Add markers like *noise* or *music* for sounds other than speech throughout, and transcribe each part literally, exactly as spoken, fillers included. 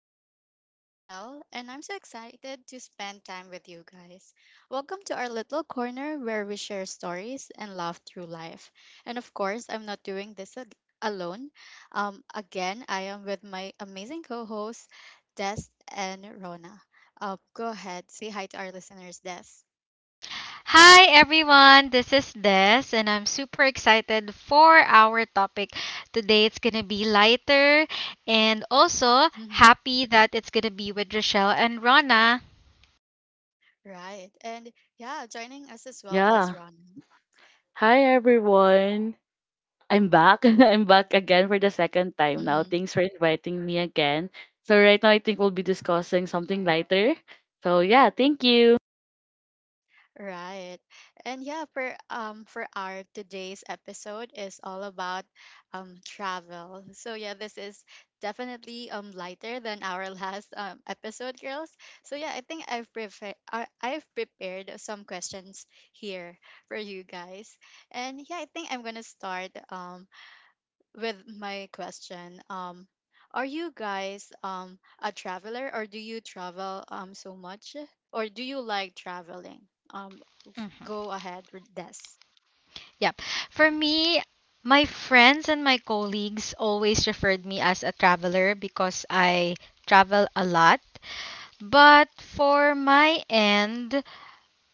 I'm your host, Rochelle, and I'm so excited to spend time with you guys. Welcome to our little corner where we share stories and laugh through life. And of course, I'm not doing this ag- alone. Um, again, I am with my amazing co hosts, Des and Rona. Uh, go ahead, say hi to our listeners, Des. Hi everyone, this is Des, and I'm super excited for our topic. Today it's gonna be lighter and also hmm happy that it's gonna be with Rochelle and Rana. Right. And yeah, joining us as well is Yeah. Rona. Hi, everyone. I'm back. *laughs* I'm back again for the second time now. Mm-hmm. Thanks for inviting me again. So right now I think we'll be discussing something lighter. So yeah, thank you. Right. And yeah, for um for our today's episode is all about um travel. So yeah, this is definitely um lighter than our *laughs* last um episode, girls. So yeah, I think I've prefer uh, I've prepared some questions here for you guys. And yeah, I think I'm gonna start um with my question. Um, are you guys um a traveler, or do you travel um so much, or do you like traveling? Um, f- Mhm. Go ahead with this. Yep. For me, my friends and my colleagues always referred me as a traveler because I travel a lot. But for my end,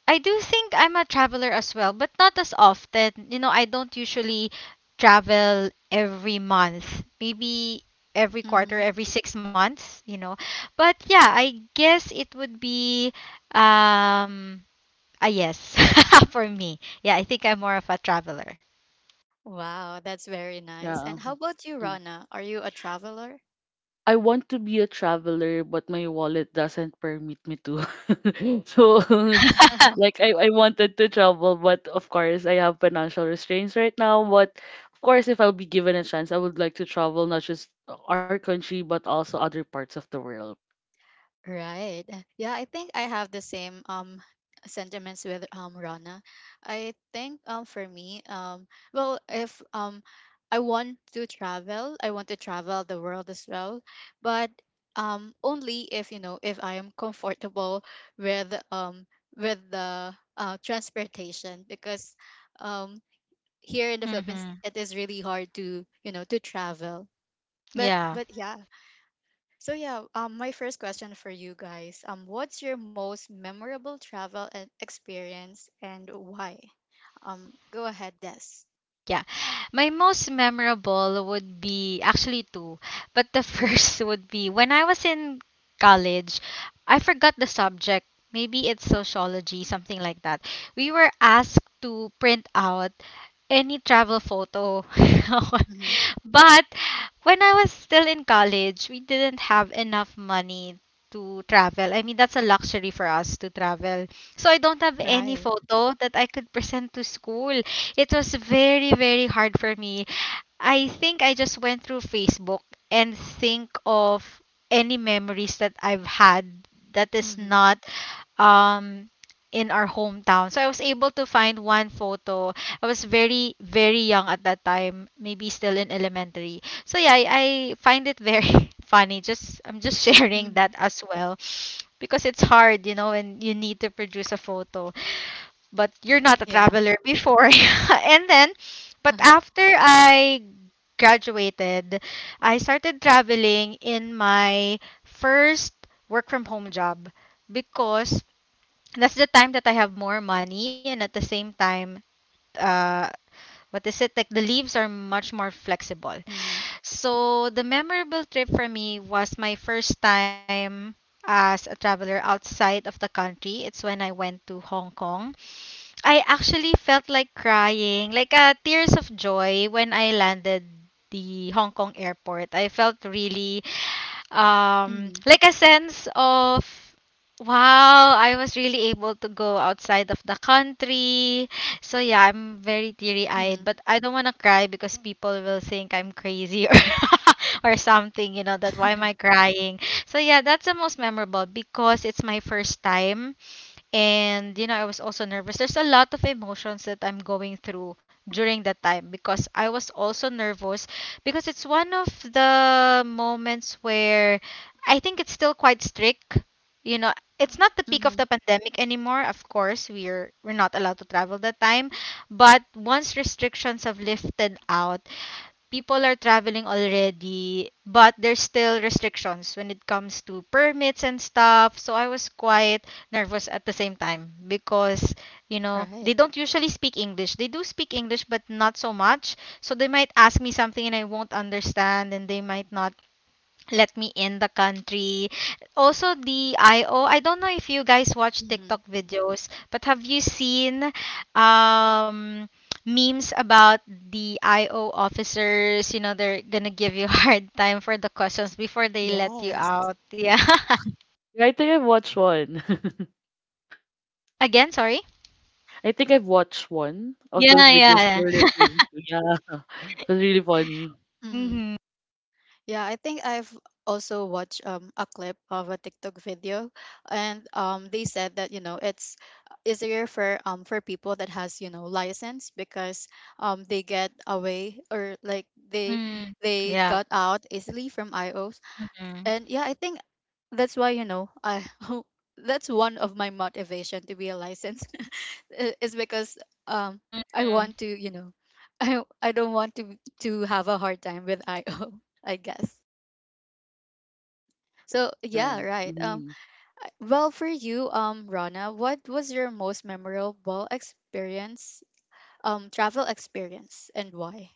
I do think I'm a traveler as well, but not as often. You know, I don't usually travel every month. Maybe every Mm-hmm. quarter, every six months, you know. But yeah, I guess it would be um a yes *laughs* for me. Yeah, I think I'm more of a traveler. Wow, that's very nice. And Yeah. how about you, Mm. Rana? Are you a traveler? I want to be a traveler, but my wallet doesn't permit me to. *laughs* So *laughs* *laughs* *laughs* like, I, I wanted to travel, but of course I have financial restraints right now. But of course, if I'll be given a chance, I would like to travel not just our country but also other parts of the world. Right. Yeah, I think I have the same um sentiments with um Rana. I think um for me, um well if um I want to travel, I want to travel the world as well, but um only if you know if I am comfortable with um with the uh transportation, because um here in the Philippines Mm-hmm. it is really hard to you know to travel. But Yeah. but yeah, so yeah, um, my first question for you guys, um, what's your most memorable travel e- experience and why? Um, go ahead, Des. Yeah. My most memorable would be actually two, but the *laughs* first would be when I was in college, I forgot the subject. Maybe it's sociology, something like that. We were asked to print out any travel photo. Mm-hmm. *laughs* But when I was still in college, we didn't have enough money to travel. I mean, that's a luxury for us to travel. So I don't have any Right. photo that I could present to school. It was very, very hard for me. I think I just went through Facebook and think of any memories that I've had that is Mm-hmm. not um in our hometown. So I was able to find one photo. I was very very young at that time, maybe still in elementary. So yeah, I, I find it very *laughs* funny. Just I'm just *laughs* sharing Mm-hmm. that as well because it's hard, you know, when you need to produce a photo, but you're not a Yeah. traveler before. *laughs* And then but Uh-huh. after I graduated, I started traveling in my first work from home job because that's the time that I have more money and at the same time uh what is it like the leaves are much more flexible Mm-hmm. so the memorable trip for me was my first time as a traveler outside of the country. It's when I went to Hong Kong. I actually felt like crying, like uh, tears of joy when I landed the Hong Kong airport. I felt really um, Mm-hmm. like a sense of wow, I was really able to go outside of the country. So yeah, I'm very Mm-hmm. teary-eyed, but I don't want to cry because people will think I'm crazy or *laughs* or something, you know, that why am I *laughs* crying? So yeah, that's the most memorable because it's my first time and you know, I was also nervous. There's a lot of emotions that I'm going through during that time because I was also nervous because it's one of the moments where I think it's still quite strict. You know, it's not the peak of Mm-hmm. the pandemic anymore. Of course, we're we're not allowed to travel that time, but once restrictions have lifted out, people are traveling already, but there's still restrictions when it comes to permits and stuff. So I was quite nervous at the same time because, you know, Right. they don't usually speak English. They do speak English, but not so much. So they might ask me something and I won't understand, and they might not let me in the country. Also the I O. I don't know if you guys watch Mm-hmm. TikTok videos, but have you seen um memes about the I O officers, you know, they're gonna give you *laughs* hard time for the questions before they let you Yes. out. Yeah. *laughs* Yeah, I think I've watched one. *laughs* Again, sorry. I think I've watched one of Yeah, those videos you yeah. were referring to. Yeah, *laughs* it was really funny. Mm-hmm. Mm-hmm. Yeah, I think I've also watched um, a clip of a TikTok video, and um, they said that you know it's easier for um for people that has you know license, because um they get away, or like they Mm. they Yeah. got out easily from I Os, Mm-hmm. and yeah, I think that's why you know I *laughs* that's one of my motivation to be a license *laughs* I- is because um I Mm-hmm. want to you know *laughs* I I don't want to to have a hard time with I O *laughs* I guess. So Right. yeah, right. Um, Mm-hmm. I- well, for you, um, Rana, what was your most memorable experience, um, travel experience, and why?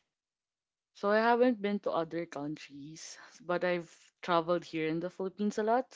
So I haven't been to other countries, but I've traveled here in the Philippines a lot.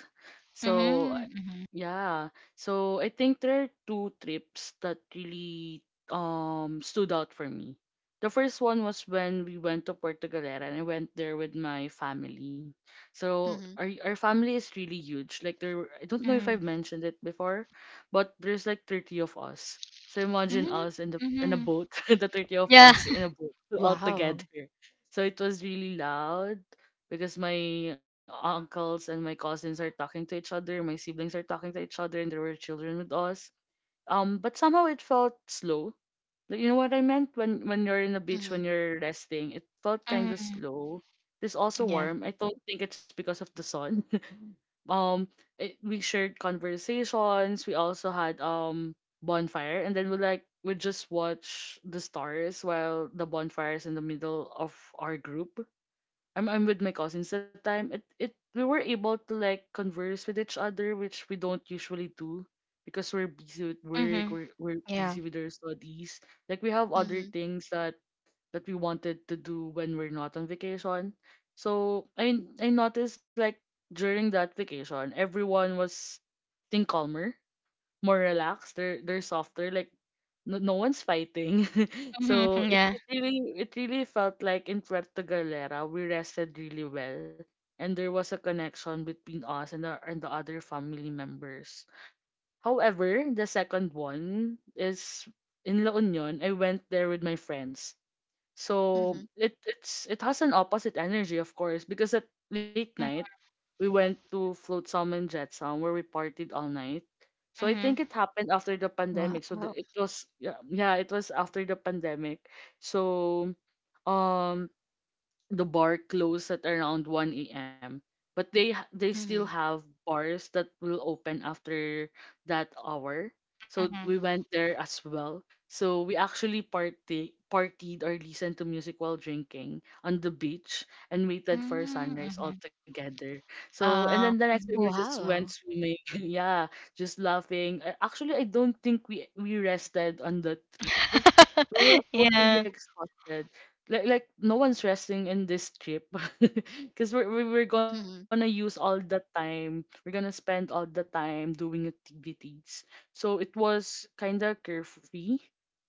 So I- Mm-hmm. yeah, so I think there are two trips that really um stood out for me. The first one was when we went to Portugalera and I went there with my family. So Mm-hmm. our our family is really huge. Like there were- I don't know if I've mentioned it before, but there's like thirty of us. So imagine Mm-hmm. us in the in a Mm-hmm. boat, *laughs* the thirty of Yeah. us *laughs* in a boat all Wow. together, so it was really loud because my uncles and my cousins are talking to each other, my siblings are talking to each other, and there were children with us. Um, but somehow it felt slow, like, you know what I meant? When when you're in the beach, Mm-hmm. when you're resting, it felt kind of Mm-hmm. slow. It's also Yeah. warm. I don't think it's because of the sun. *laughs* um, it, we shared conversations. We also had um bonfire, and then we, like, we just watch the stars while the bonfire is in the middle of our group. I'm I'm with my cousins that time. It it we were able to, like, converse with each other, which we don't usually do because we're busy with work, Mm-hmm. we're we're Yeah. busy with our studies. Like we have other Mm-hmm. things that that we wanted to do when we're not on vacation. So I I noticed, like, during that vacation, everyone was think calmer, more relaxed. They're they're softer. Like, no, no one's fighting. *laughs* Mhm, So mhm, it, yeah. it really it really felt like in Puerto Galera we rested really well, and there was a connection between us and the and the other family members. However, the second one is in La Union. I went there with my friends. So Mm-hmm. it it's it has an opposite energy, of course, because at late night Mhm, we went to Float Salmon Jet Sound where we partied all night. So I think mhm, it happened after the pandemic. So the, Wow. it was, yeah, yeah, it was after the pandemic. So um the bar closed at around one a m. But they h- they still Mm-hmm. have bars that will open after that hour. So mhm. we went there as well. So we actually party partied or listened to music while drinking on the beach and waited for Mm, sunrise all mhm. together. So and then the Uh next day we mhm. just went Wow. swimming. *laughs* Yeah, just laughing. Uh, Actually, I don't think we we rested on the trip. We were *laughs* Yeah. totally exhausted, like like no one's resting in this trip, *laughs* because we're we're we're gonna Mm-hmm. use all the time, we're gonna spend all the time doing activities, so it was kind of carefree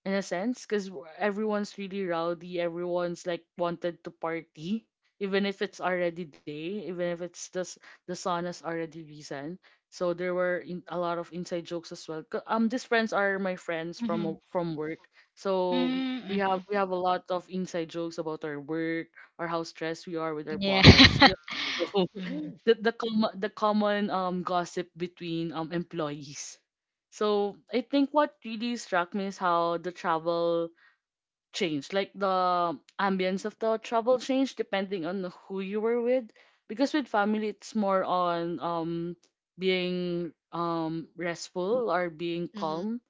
in a sense because everyone's really rowdy. Everyone's, like, wanted to party, even if it's already day, even if it's just the sun has already risen. So there were in, a lot of inside jokes as well, 'cause um these friends are my friends Mhm. from from work. So we Mm, we mhm. have we have a lot of inside jokes about our work, or how stressed we are with our Yeah. bosses. *laughs* Yeah, *laughs* you Mhm. the the com- the common um gossip between um employees. So I think what really struck me is how the travel changed, like the ambience of the travel changed depending on who you were with. Because with family, it's more on um being um restful or being Mm-hmm. calm,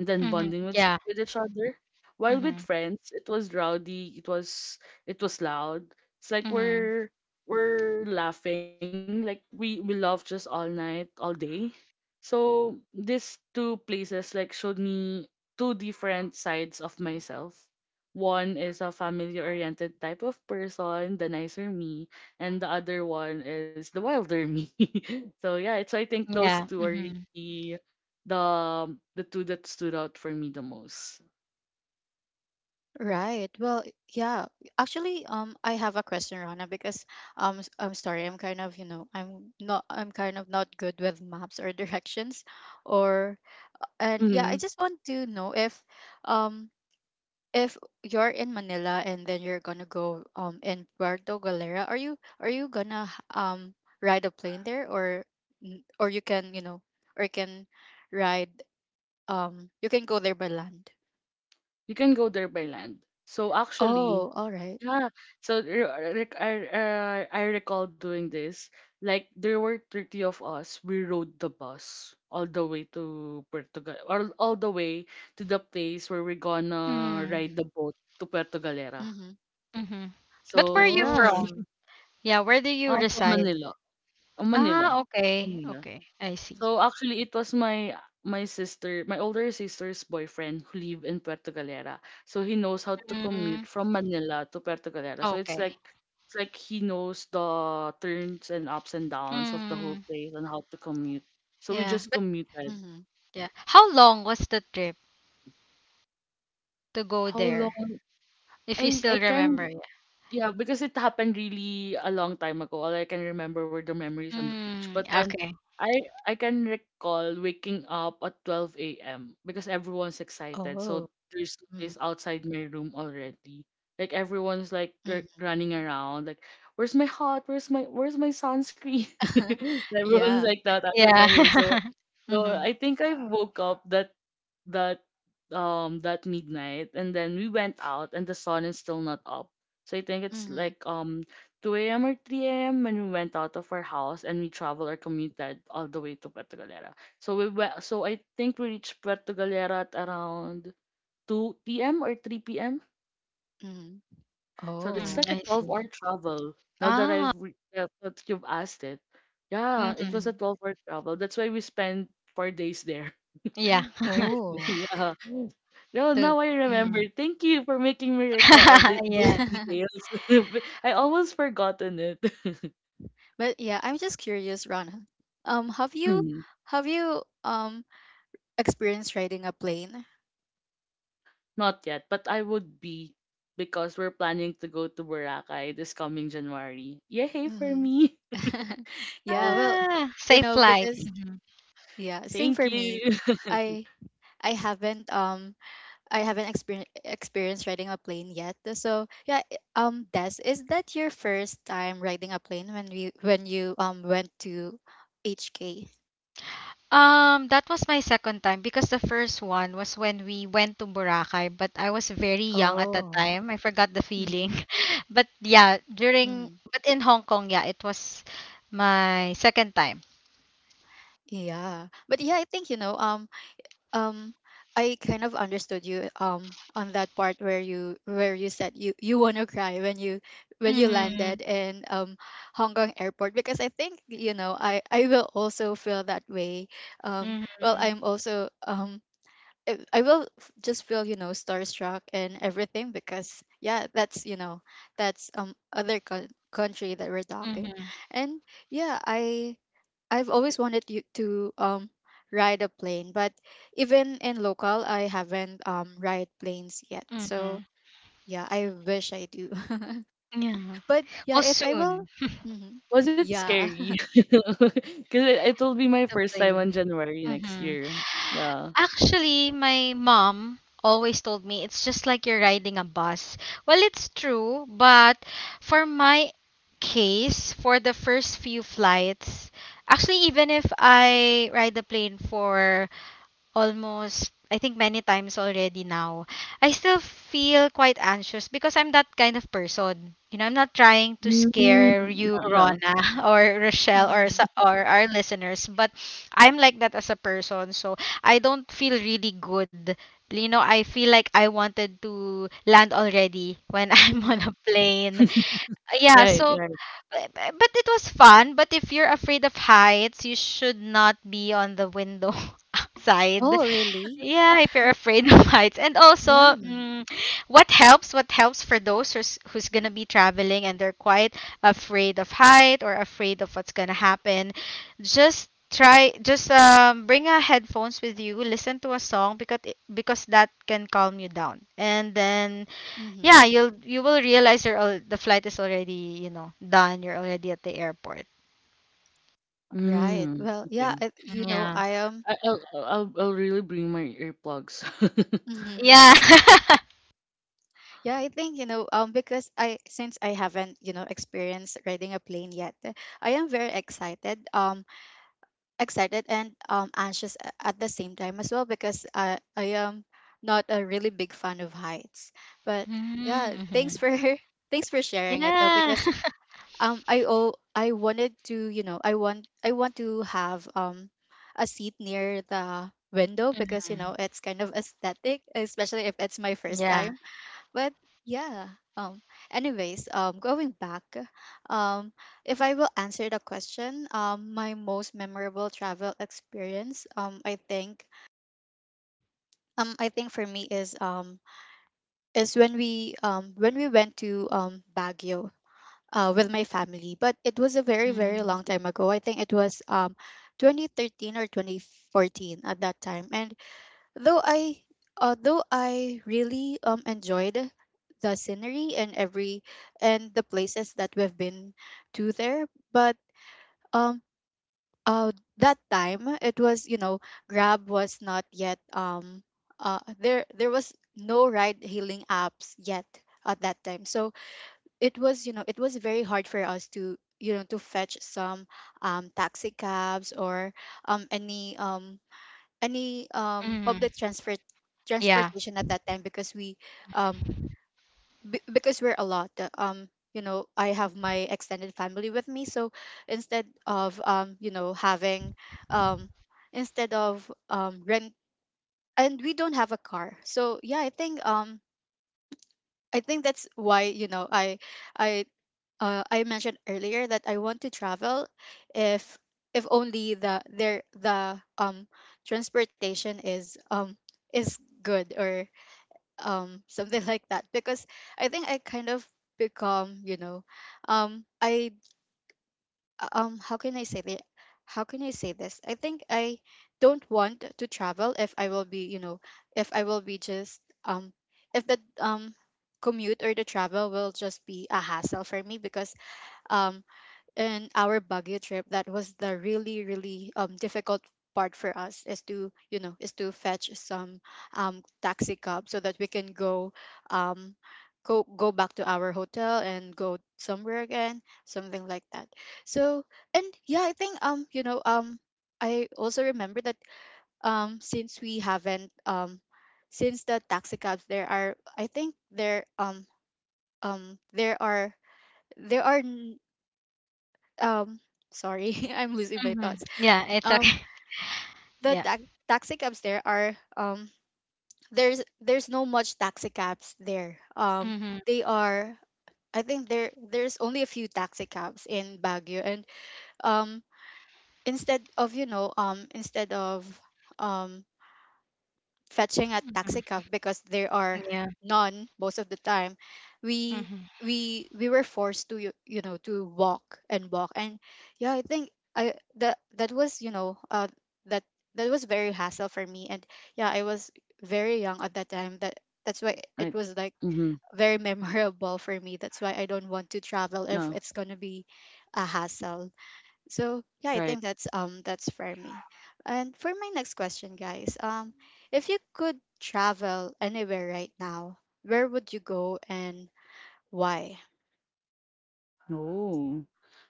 and then Mhm. bonding with, ch- Yeah. with each other. While with Mhm. friends, it was rowdy, it was it was loud. It's like Mhm. we're we're laughing, like we we love just all night, all day. So these two places, like, showed me two different sides of myself. One is a family-oriented type of person, the nicer me, and the other one is the wilder me. *laughs* So yeah, so I think those Yeah. two are really Mhm. the the two that stood out for me the most. Right. Well, yeah. Actually, um, I have a question, Rana, because um, s- I'm sorry, I'm kind of, you know, I'm not, I'm kind of not good with maps or *laughs* directions, or and yeah, I Mm-hmm. just want to know if um if you're in Manila and then you're gonna go um in Puerto Galera, are you are you gonna h- um ride a plane there, or n- or you can you know or you can ride um you can go there by land? You can go there by land. So actually, Oh, all right. yeah. So re- re- I, I I recall doing this. Like there were thirty of us. We rode the bus all the way to Puerto Gal all, all the way to the place where we're gonna Mm, ride the boat to Puerto Galera. Mhm. mhm. But where are So you yeah, Oh. *laughs* from? Yeah, where do you um, from reside? Manila, uh, Ah, Manila, okay. Manila. Okay. I see. So actually it was my my sister, my older sister's boyfriend who live in Puerto Galera. So he knows how to Mm, commute from Manila to Puerto Galera. So it's okay. like it's like he knows the turns and ups and downs of the whole Mm, place and how to commute. So we yeah. just But commuted. Mhm. yeah. How long was the trip to go How there? long? If you I I still remember. can Yeah, because it happened really a long time ago. All I can remember were the memories on the beach. Mm, But then okay. I I can recall waking up at twelve a m because everyone's excited. Oh. So there's noise Mhm. outside my room already. Like everyone's, like, r- Mhm. running around. Like, where's my hat? Where's my where's my sunscreen? *laughs* *laughs* So everyone's Yeah. like that outside Yeah. my room. So *laughs* so Mhm. I think I woke up that that um that midnight, and then we went out and the sun is still not up. So I think it's Mhm. like um two a m or three a m when we went out of our house and we traveled or commuted all the way to Puerto Galera. So we went, so I think we reached Puerto Galera at around two p m or three p m. Mhm. So it's Mm, Oh. like a I see. twelve-hour travel. Now that Ah. I've re- that that you've asked it, yeah, it Mm. was a Mhm. twelve-hour travel. That's why we spent four days there. Yeah. *laughs* *laughs* Oh. Yeah. No, Too. now I remember. Mm. Thank you for making me recall *laughs* the, those Yeah. details. *laughs* *laughs* I almost forgotten it. *laughs* But yeah, I'm just curious, Rana. Um, have you Mm, have you um experience riding a plane. Not yet, but I would be because we're planning to go to Boracay this coming January. Yay for hmm me! *laughs* *laughs* Yeah. yeah, well, Ah, you safe know, flight. because Mhm. yeah, same Thank for me. you. *laughs* I I haven't um I haven't experienced experienced riding a plane yet. So yeah, i- um, Des, is that your first time riding a plane when you when you um went to H K? Um, that was my second time because the first one was when we went to Boracay, but I was very young at that Oh. time. I forgot the feeling. Mm-hmm. *laughs* But yeah, during Mm-hmm. but in Hong Kong, yeah, it was my second time. Yeah. But yeah, I think you know, um um I kind of understood you um on that part where you where you said you you want to cry when you when you Mm-hmm. landed in um Hong Kong airport, because I think you know I I will also feel that way um well Mm-hmm. I'm also um I I will f- just feel you know starstruck and everything, because yeah that's you know that's um other co- country that we're talking. Mm-hmm. And yeah, I I've always wanted you to um ride a plane, but even in local, I haven't um ride planes yet. Mm-hmm. So yeah, I wish I do. *laughs* Yeah. But yeah, Oh, if I will, soon hmm Was it yeah. scary? *laughs* Because it, it will be my to first time plane. on January next Mhm. year. Yeah. Actually, my mom always told me it's just like you're riding a bus. Well, it's true, but for my case, for the first few flights, actually, even if I ride the plane for almost I think many times already now. I still feel quite anxious because I'm that kind of person. You know, I'm not trying to Mm, scare you, yeah, yeah. Rona, *laughs* or *laughs* Rochelle, or hmm sa- or our listeners, but I'm like that as a person. So I don't feel really good. You know, I feel like I wanted to land already when *laughs* I'm hmm on a plane. Yeah, Right, so right. b- b- but it was fun. But if you're afraid of heights, you should not be on the window *laughs* side Oh, really? yeah, if you're afraid *laughs* of heights. And also, Yeah. mm, what helps, what helps for those who's, who's going to be traveling and they're quite afraid of height or afraid of what's going to happen, just try just um bring a headphones with you, listen to a song because it- because that can calm you down. And then hmm yeah, you'll you will realize you're al- the flight is already, you know, done. You're already at the airport. Right. Mm, Well, okay. yeah. I, you Yeah. know, I am. I, I'll, I'll, I'll I'll really bring my earplugs. *laughs* Yeah. *laughs* *laughs* Yeah, I think you know. Um, because I since I haven't you know experienced riding a plane yet, I am very excited. Um, excited and um, anxious a- at the same time as well, because I, I am not a really big fan of heights. But yeah, Mm-hmm. thanks for *laughs* thanks for sharing it though, Yeah. because *laughs* um I oh I wanted to you know I want I want to have um a seat near the window, because you Mhm. know it's kind of aesthetic, especially if it's my first Yeah. time. But yeah um Anyways, um going back, um if I will answer the question, um my most memorable travel experience, um i think um I think for me is um is when we um when we went to um Baguio, uh, with my family. But it was a very very long Mm. time ago. I think it was um twenty thirteen or twenty fourteen at that time. And Though I although I really um enjoyed the scenery and every and the places that we've been to there, but um uh that time it was you know Grab was not yet um uh there there was no ride hailing apps yet at that time. So it was you know it was very hard for us to you know to fetch some um taxi cabs or um any um any um Mhm. public transport Yeah. transportation at that time, because we um b- because we're a lot uh, um you know I have my extended family with me. So instead of um you know having um instead of um rent, and we don't have a car. So yeah, i think um i think that's why you know i i uh, I mentioned earlier that I want to travel if if only the there the um transportation is um is good, or um something *laughs* like that. Because I think I kind of become you know um I um how can I say the how can I say this, I think I don't want to travel if I will be you know if I will be just um if the um commute or the travel will just be a hassle for me. Because um in our Baguio trip, that was the really, really um difficult part for us is to you know is to fetch some um taxi cab so that we can go um go go back to our hotel and go somewhere again, something like that. So and yeah I think um you know um I also remember that um since we haven't um since the taxi cabs there are I think there um um there are there are um sorry, *laughs* I'm losing my Mhm. thoughts Yeah, it's um okay. *laughs* the Yeah. ta- taxi cabs there are um there's there's no much taxi cabs there. Um Mhm. they are I think there There's only a few taxi cabs in Baguio. And um instead of you know um instead of um fetching a taxi cab, because there are Yeah. none most of the time, we Mhm. we we were forced to you, you know, to walk and walk. And yeah I think I that that was you know uh that that was very hassle for me. And yeah, I was very young at that time, that that's why it Right. was like Mm-hmm. very *laughs* memorable for me. That's why I don't want to travel if Yeah, it's going to be a hassle. So yeah, I right. think that's um that's for me. And for my next question, guys, um, if you could travel anywhere right now, where would you go, and why? Oh.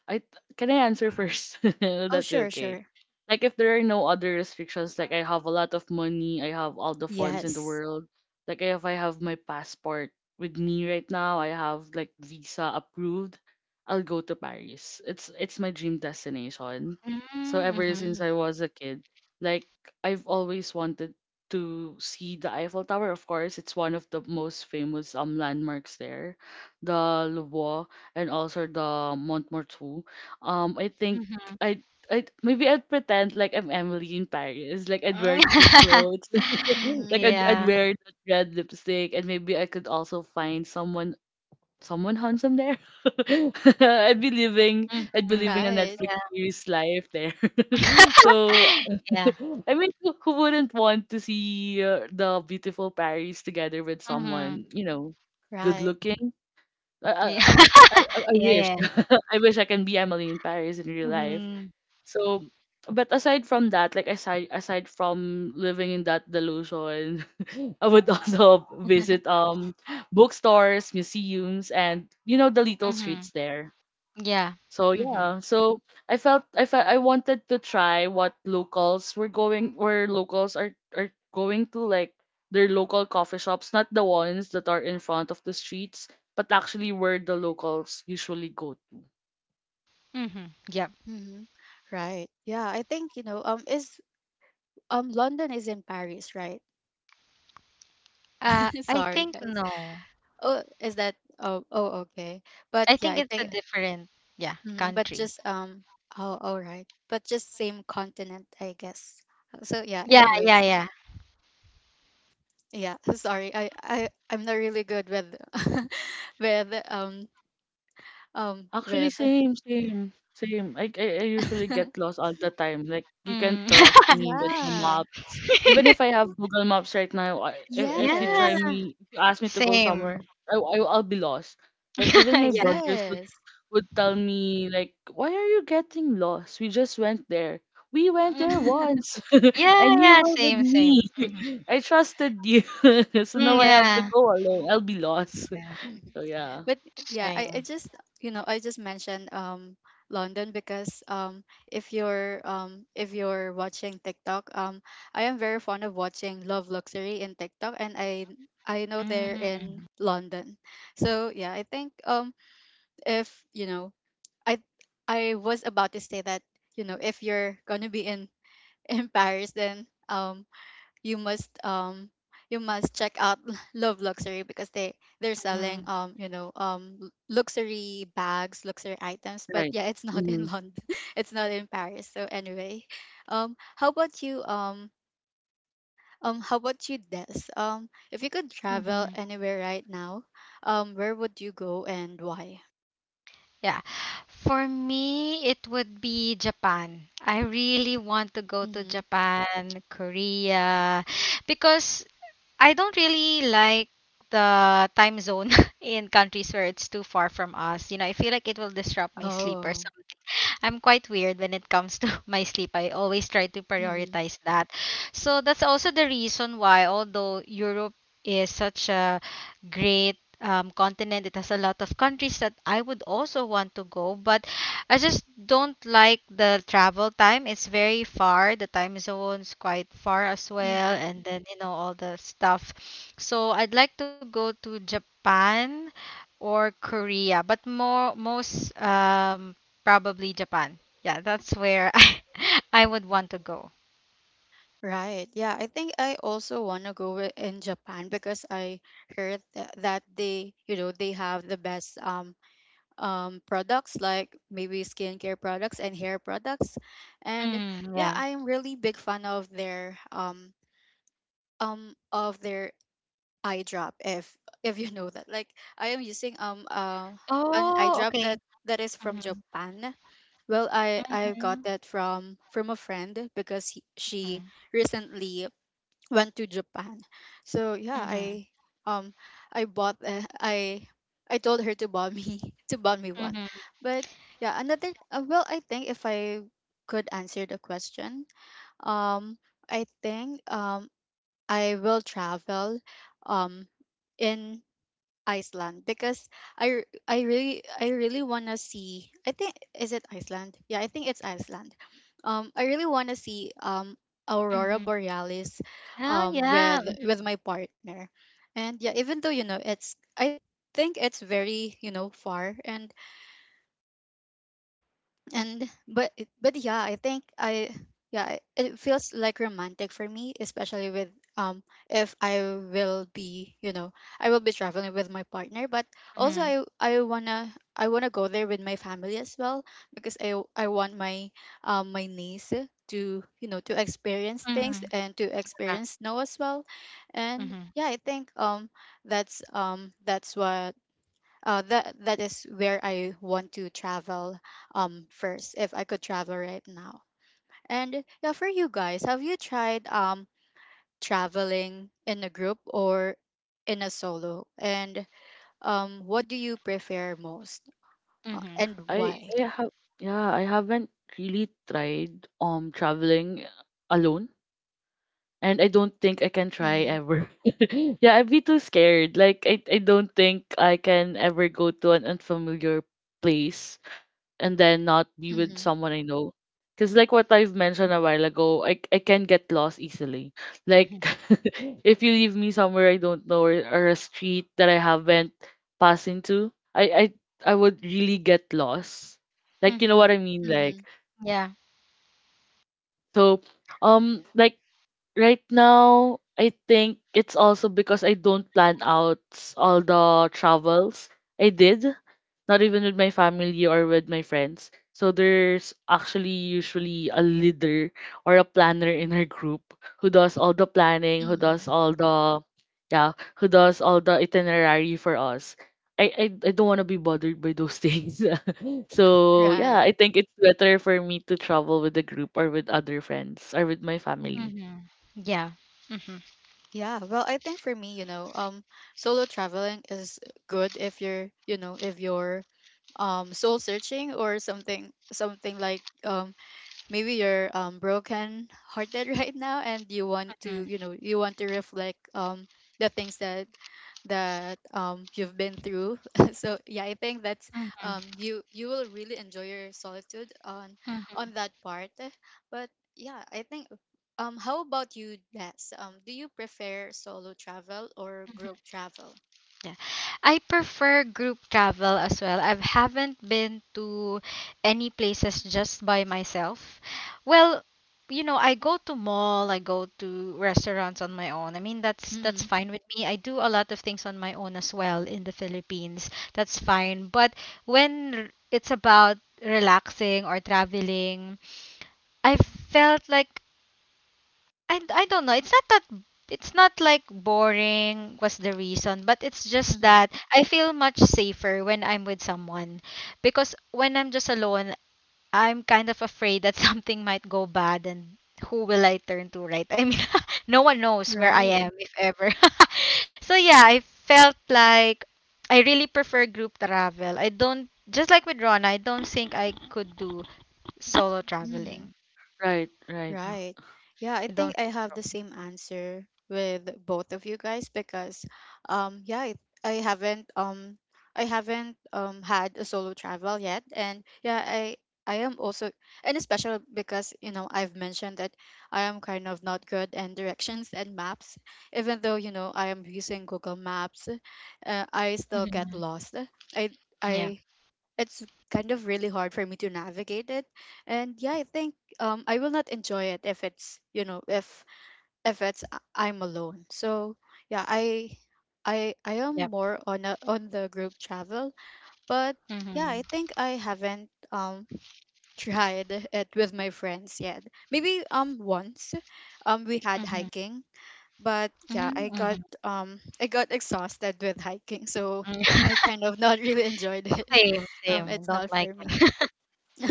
I can I answer first? *laughs* Will Oh, that be sure, okay? sure. Like, if there are no other restrictions, like, I have a lot of money, I have all the funds in the Yes. world. Like, if I have my passport with me right now, I have, like, visa approved, I'll go to Paris. It's it's my dream destination. So Mm, ever mhm. since I Mm. was a kid, like, I've always wanted to see the Eiffel Tower. Of course, it's one of the most famous um landmarks there. The Louvre, and also the Montmartre, too. Um, I think Mhm. I. I maybe I'd pretend like I'm Emily in Paris. Like, I'd wear cute *laughs* clothes. *laughs* Mm-hmm. Like, I'd I'd Yeah. wear that red lipstick, and maybe I could also find someone someone handsome there. *laughs* I'd be living I'd be Mhm. living a Right. Netflix Yeah. series life there. *laughs* So *laughs* Yeah. *laughs* I mean, who, who wouldn't want to see uh, the beautiful Paris together with Mhm. someone, you know good Right. looking? I Yeah. I *laughs* I I Yeah, wish. yeah. *laughs* I wish I can be Emily in Paris in real life. Mhm. So, but aside from that, like, aside aside from living in that delusion, *laughs* I would also visit *laughs* um bookstores, museums, and you know the little Mhm. streets there. Yeah. So Mhm. yeah, so I felt I felt I wanted to try what locals were going, where locals are are going to, like their local coffee shops, not the ones that are in front of the streets, but actually where the locals usually go to. Mhm. Yep. Mm-hmm. Right. Yeah, I think, you know, um is um London is in Paris, right? Uh, *laughs* I Sorry, think guys. no. Oh, is that oh, oh okay. But I yeah, think I it's a think. different, yeah, Mhm, but country. just um oh all right. But just same continent, I guess. So yeah, Yeah, yeah, anyways. yeah. Yeah, *laughs* sorry. I I I'm not really good with *laughs* with um um Actually, with same, same, same. I, I I usually get *laughs* lost all the time. Like, you can Mm. trust me with the Yeah. maps. Even if I *laughs* have Google Maps right now, I, if if you Yeah, try Yes. me, if you ask me to go same. somewhere, I, I I'll be lost. Like, even my *laughs* Yeah. brothers would. Yes. would tell me, like, "Why are you getting lost? We just went there. We went there Mm. once, *laughs* Yeah, and you yeah, were with same, me. same. Mhm. *laughs* I trusted you, *laughs* so now Mm, I have to yeah, go alone. I'll be yeah, lost." Yeah. *laughs* So yeah, But yeah same. I, I just you know I just mentioned um London, because um if you're um if you're watching TikTok, um I am very fond of watching Love Luxury in TikTok, and i i know they're Mm, in London. So yeah i think um if you know i i was about to say that you know if you're gonna be in *laughs* in Paris then um you must um you must check out *laughs* Love Luxury, because they they're selling mhm, um you know um l- luxury bags, luxury items. But right. yeah, it's not Hmm. in *laughs* London. It's not in Paris. So anyway, um, how about you? Um, um, how about you, Des? Um, if you could travel mhm. anywhere right now, um, where would you go, and why? Yeah. For me, it would be Japan. I really want to go to Mm-hmm. Japan, Korea, because I don't really like the time zone *laughs* in countries where it's too far from us. You know, I feel like it will disrupt my sleep or Oh. something. *laughs* I'm quite weird when it comes to *laughs* my sleep. I always try to prioritize that. So that's also the reason why, although Europe is such a great um, continent, it has a lot of countries that I would also want to go, but I just don't like the travel time. It's very far. The time zone's quite far as well, Mm-hmm. and then you know all the stuff. So I'd like to go to Japan or Korea, but more most um probably Japan. Yeah, that's where *laughs* I I would want to go. Right. Yeah, I think I also want to go wi- in Japan because I heard that, that they, you know, they have the best um um products like maybe skincare products and hair products. And Mm, yeah, yeah. I am really big fan of their um um of their eye drop if if you know that. Like I am using um uh, an eye Oh, drop okay. that that is from Mm-hmm. Japan. Well, I I got Mm-hmm. that from from a friend because he, she recently went to Japan. So yeah, Mm-hmm. I um I bought uh, I I told her to buy me *laughs* to buy me one. Mm-hmm. But yeah, another uh, well I think if I could answer the question, um I think um I will travel um in Iceland because I r- I really I really want to see I think is it Iceland? Yeah, I think it's Iceland. Um I really want to see um aurora Mm-hmm. borealis Oh, um yeah. with with my partner. And yeah, even though you know it's I think it's very, you know, far and and but but yeah i think i yeah I- it feels like romantic for me especially with um if I will be you know I will be traveling with my partner but also Mm-hmm. i i wanna i wanna go there with my family as well because i i want my um my niece to you know to experience things Mm-hmm. and to experience snow as well and Mm-hmm. yeah I think um that's um that's what uh, that that is where I want to travel um first if I could travel right now. And yeah, for you guys, have you tried um traveling in a group or in a solo? And um, what do you prefer most, uh, Mm-hmm. and I why? I have, yeah, I haven't really tried um traveling alone, and I don't think I can try Mm-hmm. ever. *laughs* Yeah, I'd be too scared. Like, I I don't think I can ever go to an unfamiliar place and then not be with Mm-hmm. someone I know. Because like what I've mentioned a while ago, I I can get lost easily. Like Mm-hmm. *laughs* if you leave me somewhere I don't know, or, or a street that I haven't passed into, I I I would really get lost. Like, you know Mm-hmm. what I mean? Like, Mm-hmm. Yeah. so um like right now, I think it's also because I don't plan out all the travels I did, not even with my family or with my friends. So there's actually usually a leader or a planner in our group who does all the planning, who Mm-hmm. does *laughs* all the, yeah, who does all the itinerary for us. I I, I don't want to be bothered by those things. *laughs* So yeah, Right. I think it's better for me to travel with the group or with other friends or with my family. Mm-hmm. Yeah. Hmm. Yeah, well, I think for me, you know, um, solo traveling is good if you're, you know, if you're um soul searching or something something like um maybe you're um broken hearted *laughs* right now and you want to Mm-hmm. you know you want to reflect um the things that that um you've been through *laughs* so yeah I think that's um Mm-hmm. you you will really enjoy your solitude on on that part but yeah I think um how about you, Des? Um do you prefer solo travel or Mm-hmm. group travel? Yeah. I prefer group travel as well. I haven't been to any places just by myself. Well, you know, I go to mall, I go to restaurants on my own. I mean, that's Mm-hmm, that's fine with me. I do a lot of things on my own as well in the Philippines. That's fine. But when r- it's about relaxing or traveling, I felt like I, d- I don't know. It's not that it's not like boring was the reason, but it's just mm-hmm, that I feel much safer when I'm with someone because when I'm just alone, I'm kind of afraid that *laughs* something might go bad and who will I turn to, right? I mean, *laughs* no one knows where I right. am if ever. *laughs* So yeah, I felt like I really prefer group travel. I don't just like with Rona. I don't think I could do solo traveling. Right, right. Yeah, Right. Yeah, I I think don't I think have so. the same answer with both of you guys because um yeah, I, I haven't um I haven't um had a solo travel yet and yeah, I I am also and especially because you know I've mentioned that I am kind of not good in directions and maps even though you know I am using Google Maps. uh, I *laughs* still get Mhm. lost. I Yeah. I it's kind of really hard for me to navigate it and yeah I think um I will not enjoy it if it's you know if if it's uh, I'm alone so yeah i i i am Yeah. more on a, on the group travel but yeah Mhm. I think I haven't um *laughs* tried it with my friends yet maybe um once um we had Mhm. hiking but yeah Mhm, i got mhm. um I got exhausted with hiking so I *laughs* kind of not really enjoyed it. Same, *laughs* um same. It's Don't not like for me. it. *laughs*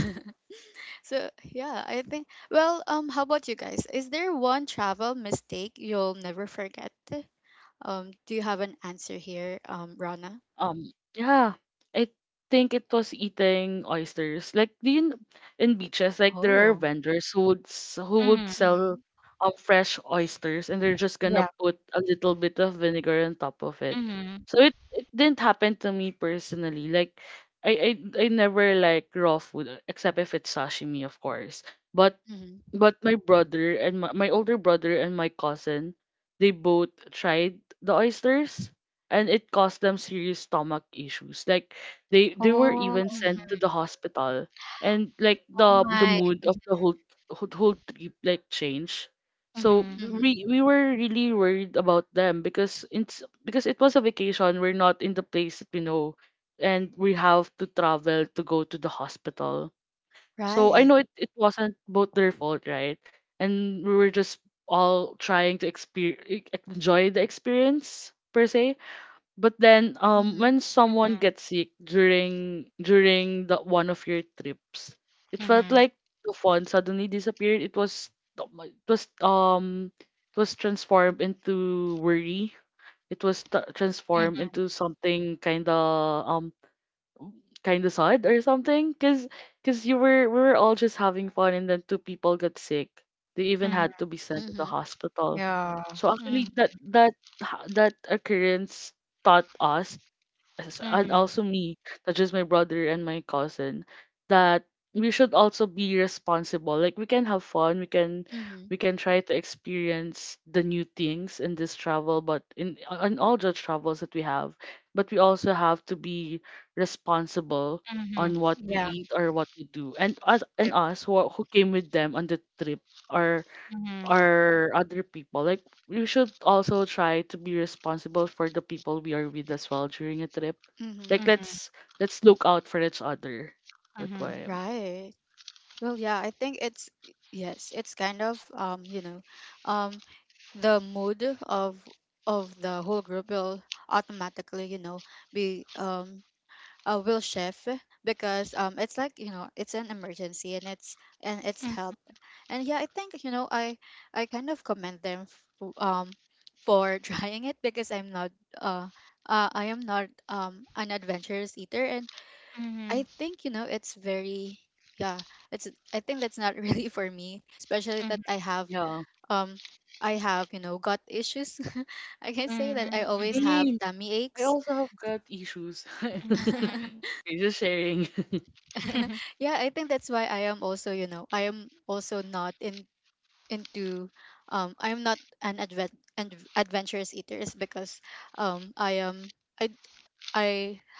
So yeah, I think well, um how about you guys? Is there one travel mistake you'll never forget? Um do you have an answer here, um Rana? Um, yeah, I think it was eating oysters. Like, do you kn- in beaches, like there are Oh. vendors who would s- who would Mhm. sell Mhm. um fresh oysters, and they're just gonna Yeah. put a little bit of vinegar on top of it. Mhm. So it it didn't happen to me personally. Like, I I I never like raw food, uh, except if it's sashimi, of course. But Mhm. but my brother and my, my older brother and my cousin, they both tried the oysters, and it caused them serious stomach issues. Like, they they were Oh, even sent Mhm. to the hospital, and like oh the the my. mood of the whole whole, whole trip like changed. So Mhm. Mhm. we we were really worried about them because it's because it was a vacation, we're not in the place that we know, and we have to travel to go to the hospital. So I Right. know it, it wasn't both their fault, right? And we were just all trying to experience enjoy the experience per se. But then um Mhm. when someone gets sick during during the one of your trips, it felt Mhm. like the fun suddenly disappeared. It was, it was um it was transformed into worry. It was t- transformed Mhm. into something kind of um kind of sad or something, because because you were we were all just having fun, and then two people got sick, they even Mhm. had to be sent to the Mhm. hospital. Yeah. So Mhm. actually, that that ha- that occurrence taught us, us and Mhm. also me, such just my brother and my cousin, that we should also be responsible. Like, we can have fun, we can Mhm. we can try to experience the new things in this travel, but in on all the travels that we have, but we also have to be responsible Mhm. on what we Yeah. eat or what we do. And us and Yep. us who are- who came with them on the trip are, Mhm. or other people. Like, we should also try to be responsible for the people we are with as well during a trip. Mhm. Like, Mhm. let's let's look out for each other. That's Mhm. why I'm- Right. Well, yeah, I think it's yes, it's kind of um, you know, um the mood of of the whole group will automatically, you know, be um uh, will shift because um it's like you know it's an emergency and it's and it's help Mhm. and yeah I think you know i i kind of commend them f- um for *laughs* trying it because I'm not uh, uh I am not um an adventurous eater and Mhm. I think you know it's very yeah it's I think that's not *laughs* really for me especially that i Mhm. have yeah. um I have you know gut issues. *laughs* I can say that I Mhm. always Mhm. have Same. tummy I aches. also have gut issues. Mhm. *laughs* *laughs* Okay, just sharing. *laughs* *laughs* *laughs* Yeah, I think that's why I am also, you know, I am also not in into um I am not an advent and adventurous eater is because um I am I I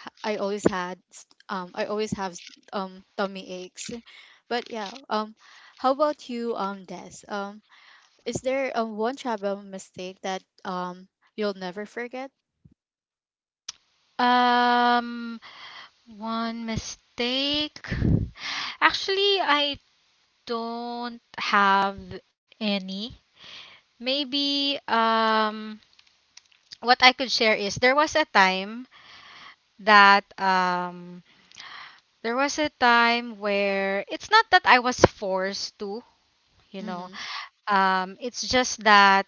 h- I always had st- um I always have s- um tummy aches. But yeah, um how about you, um Des? Um is there um one travel mistake that um you'll never forget? Um, one mistake. Actually, I don't have any. Maybe um what I could share is there was a time that um there was a time where it's not that I was forced to, you know. Mhm. Um, it's just that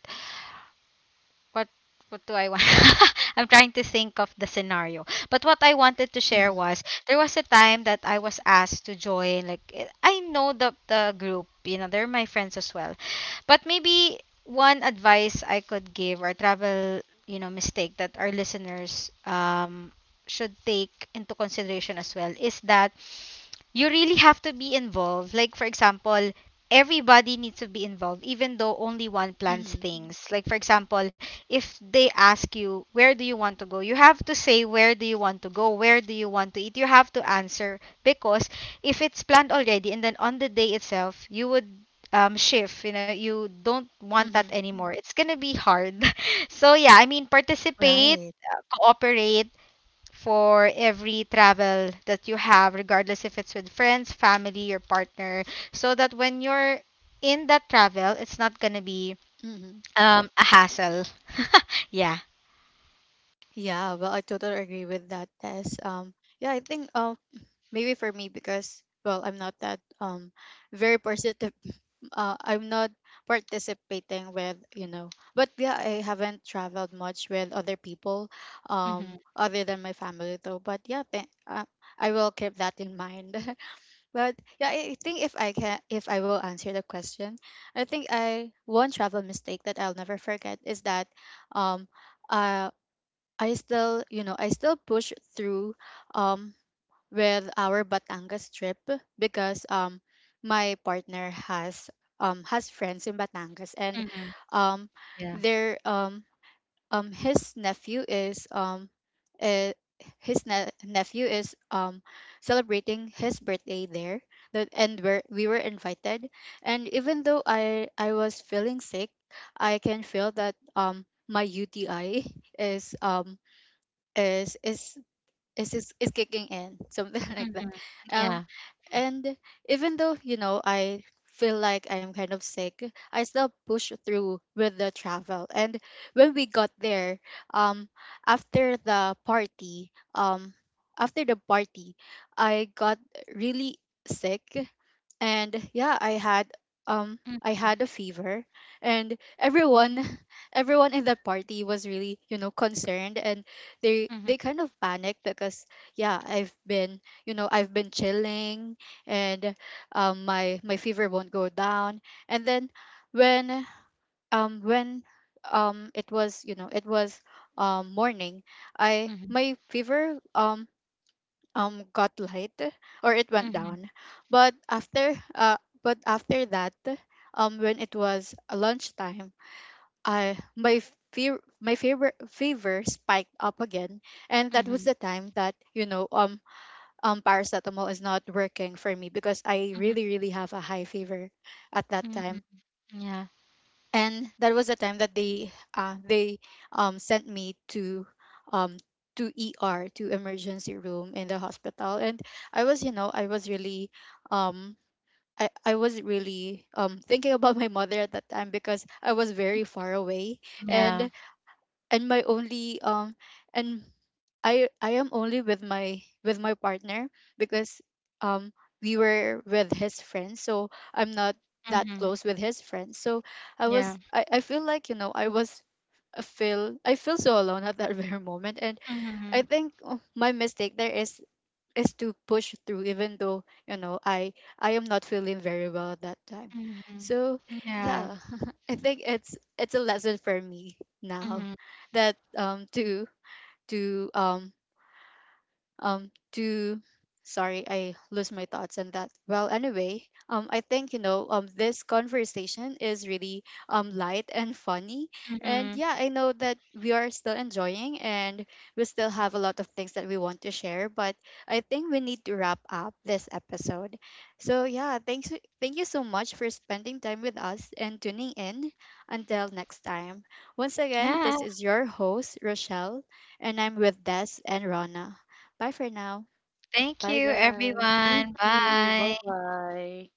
what what do I want? *laughs* I'm trying to think of the scenario. But what I wanted to share was Mhm. there was a time that I was asked to join like eh, I know the the group, you know, they're my friends as well. But maybe one advice I could give or travel, you know, mistake that our listeners um should take into consideration as well is that you really have to be involved. Like, for example, everybody needs to be involved, even though only one plans Mhm. things. Like, for example, if they ask you, where do you want to go? You have to say, where do you want to go? Where do you want to eat? You have to answer because if it's planned already and then on the day itself, you would um, shift, you know, you don't want that Mhm. anymore. It's gonna be hard. *laughs* So, yeah, I mean, participate, Right. uh, cooperate, for every travel that you have, regardless if it's with friends, family, your partner, so that when you're in that travel, it's not gonna be um, a hassle. *laughs* Yeah. Yeah, well, I totally agree with that, Tess. Um, yeah, I think um maybe for me because well, I'm not that um very positive. *laughs* Uh, I'm not participating with you know, but yeah, I haven't traveled much with other people, Mm-hmm. um, other than my family though. But yeah, th- uh, I will keep that in mind. *laughs* But yeah, I I think if I can, if I will answer the question, I think I one travel mistake that I'll never forget is that um. Uh, I still, you know, I still push through um with our Batangas trip because um my partner has um has friends in Batangas and Mm-hmm. um Yeah. their um um his nephew is um uh, his ne- nephew is um celebrating his birthday there that and where we were invited and even though I I was feeling sick. I can feel that um my U T I is um is is is is, is kicking in *laughs* something like that. Mm-hmm. um Yeah. and even though you know I feel like I'm kind of sick, I still push through with the travel and when we got there um after the party um after the party I got really sick and yeah i had um I had a fever and Mm-hmm. everyone *laughs* everyone in that party was really you know concerned and they Mm-hmm. they kind of panicked because yeah I've been you know I've been chilling and um my my fever won't go down and then when um when um it was you know it was um morning I my fever um um got light or it went Mm-hmm. down but after uh but after that um when it was lunchtime I my fear my fever fever spiked up again and that was Mm-hmm. the time that you know um um paracetamol is not working for me because I Mm-hmm. really really have a high fever at that Mm-hmm. time Yeah. and that was the time that they uh, they um, sent me to um, to E R, to emergency room in the hospital and I was you know I was really um, I, I was really um, thinking about my mother at that time because I was very far away and Yeah. and my only um and I I am only with my with my partner because um we were with his friends, so I'm not that Mm-hmm. close with his friends. So I was Yeah. I, I feel like, you know, I was I feel I feel so alone at that *laughs* very moment. And I Mm-hmm. think oh, my mistake there is is to push through even though you know i i am not feeling very well at that time. So Mm-hmm. Yeah. yeah, *laughs* I think it's it's a lesson for me now Mm-hmm. that um to to um um to sorry I lose my thoughts on that. Well anyway, um I think you know um this conversation is really um light and funny and Mm-hmm. yeah I know that we are still enjoying and we still have a lot of things that we want to share but I think we need to wrap up this episode. So yeah, thanks thank you so much for spending time with us and tuning in. Until next time, once again, Yeah. this is your host Rochelle, and I'm with Des and Rana. Bye for now. Thank Bye you, guys. Thank everyone. you. Bye Bye. bye.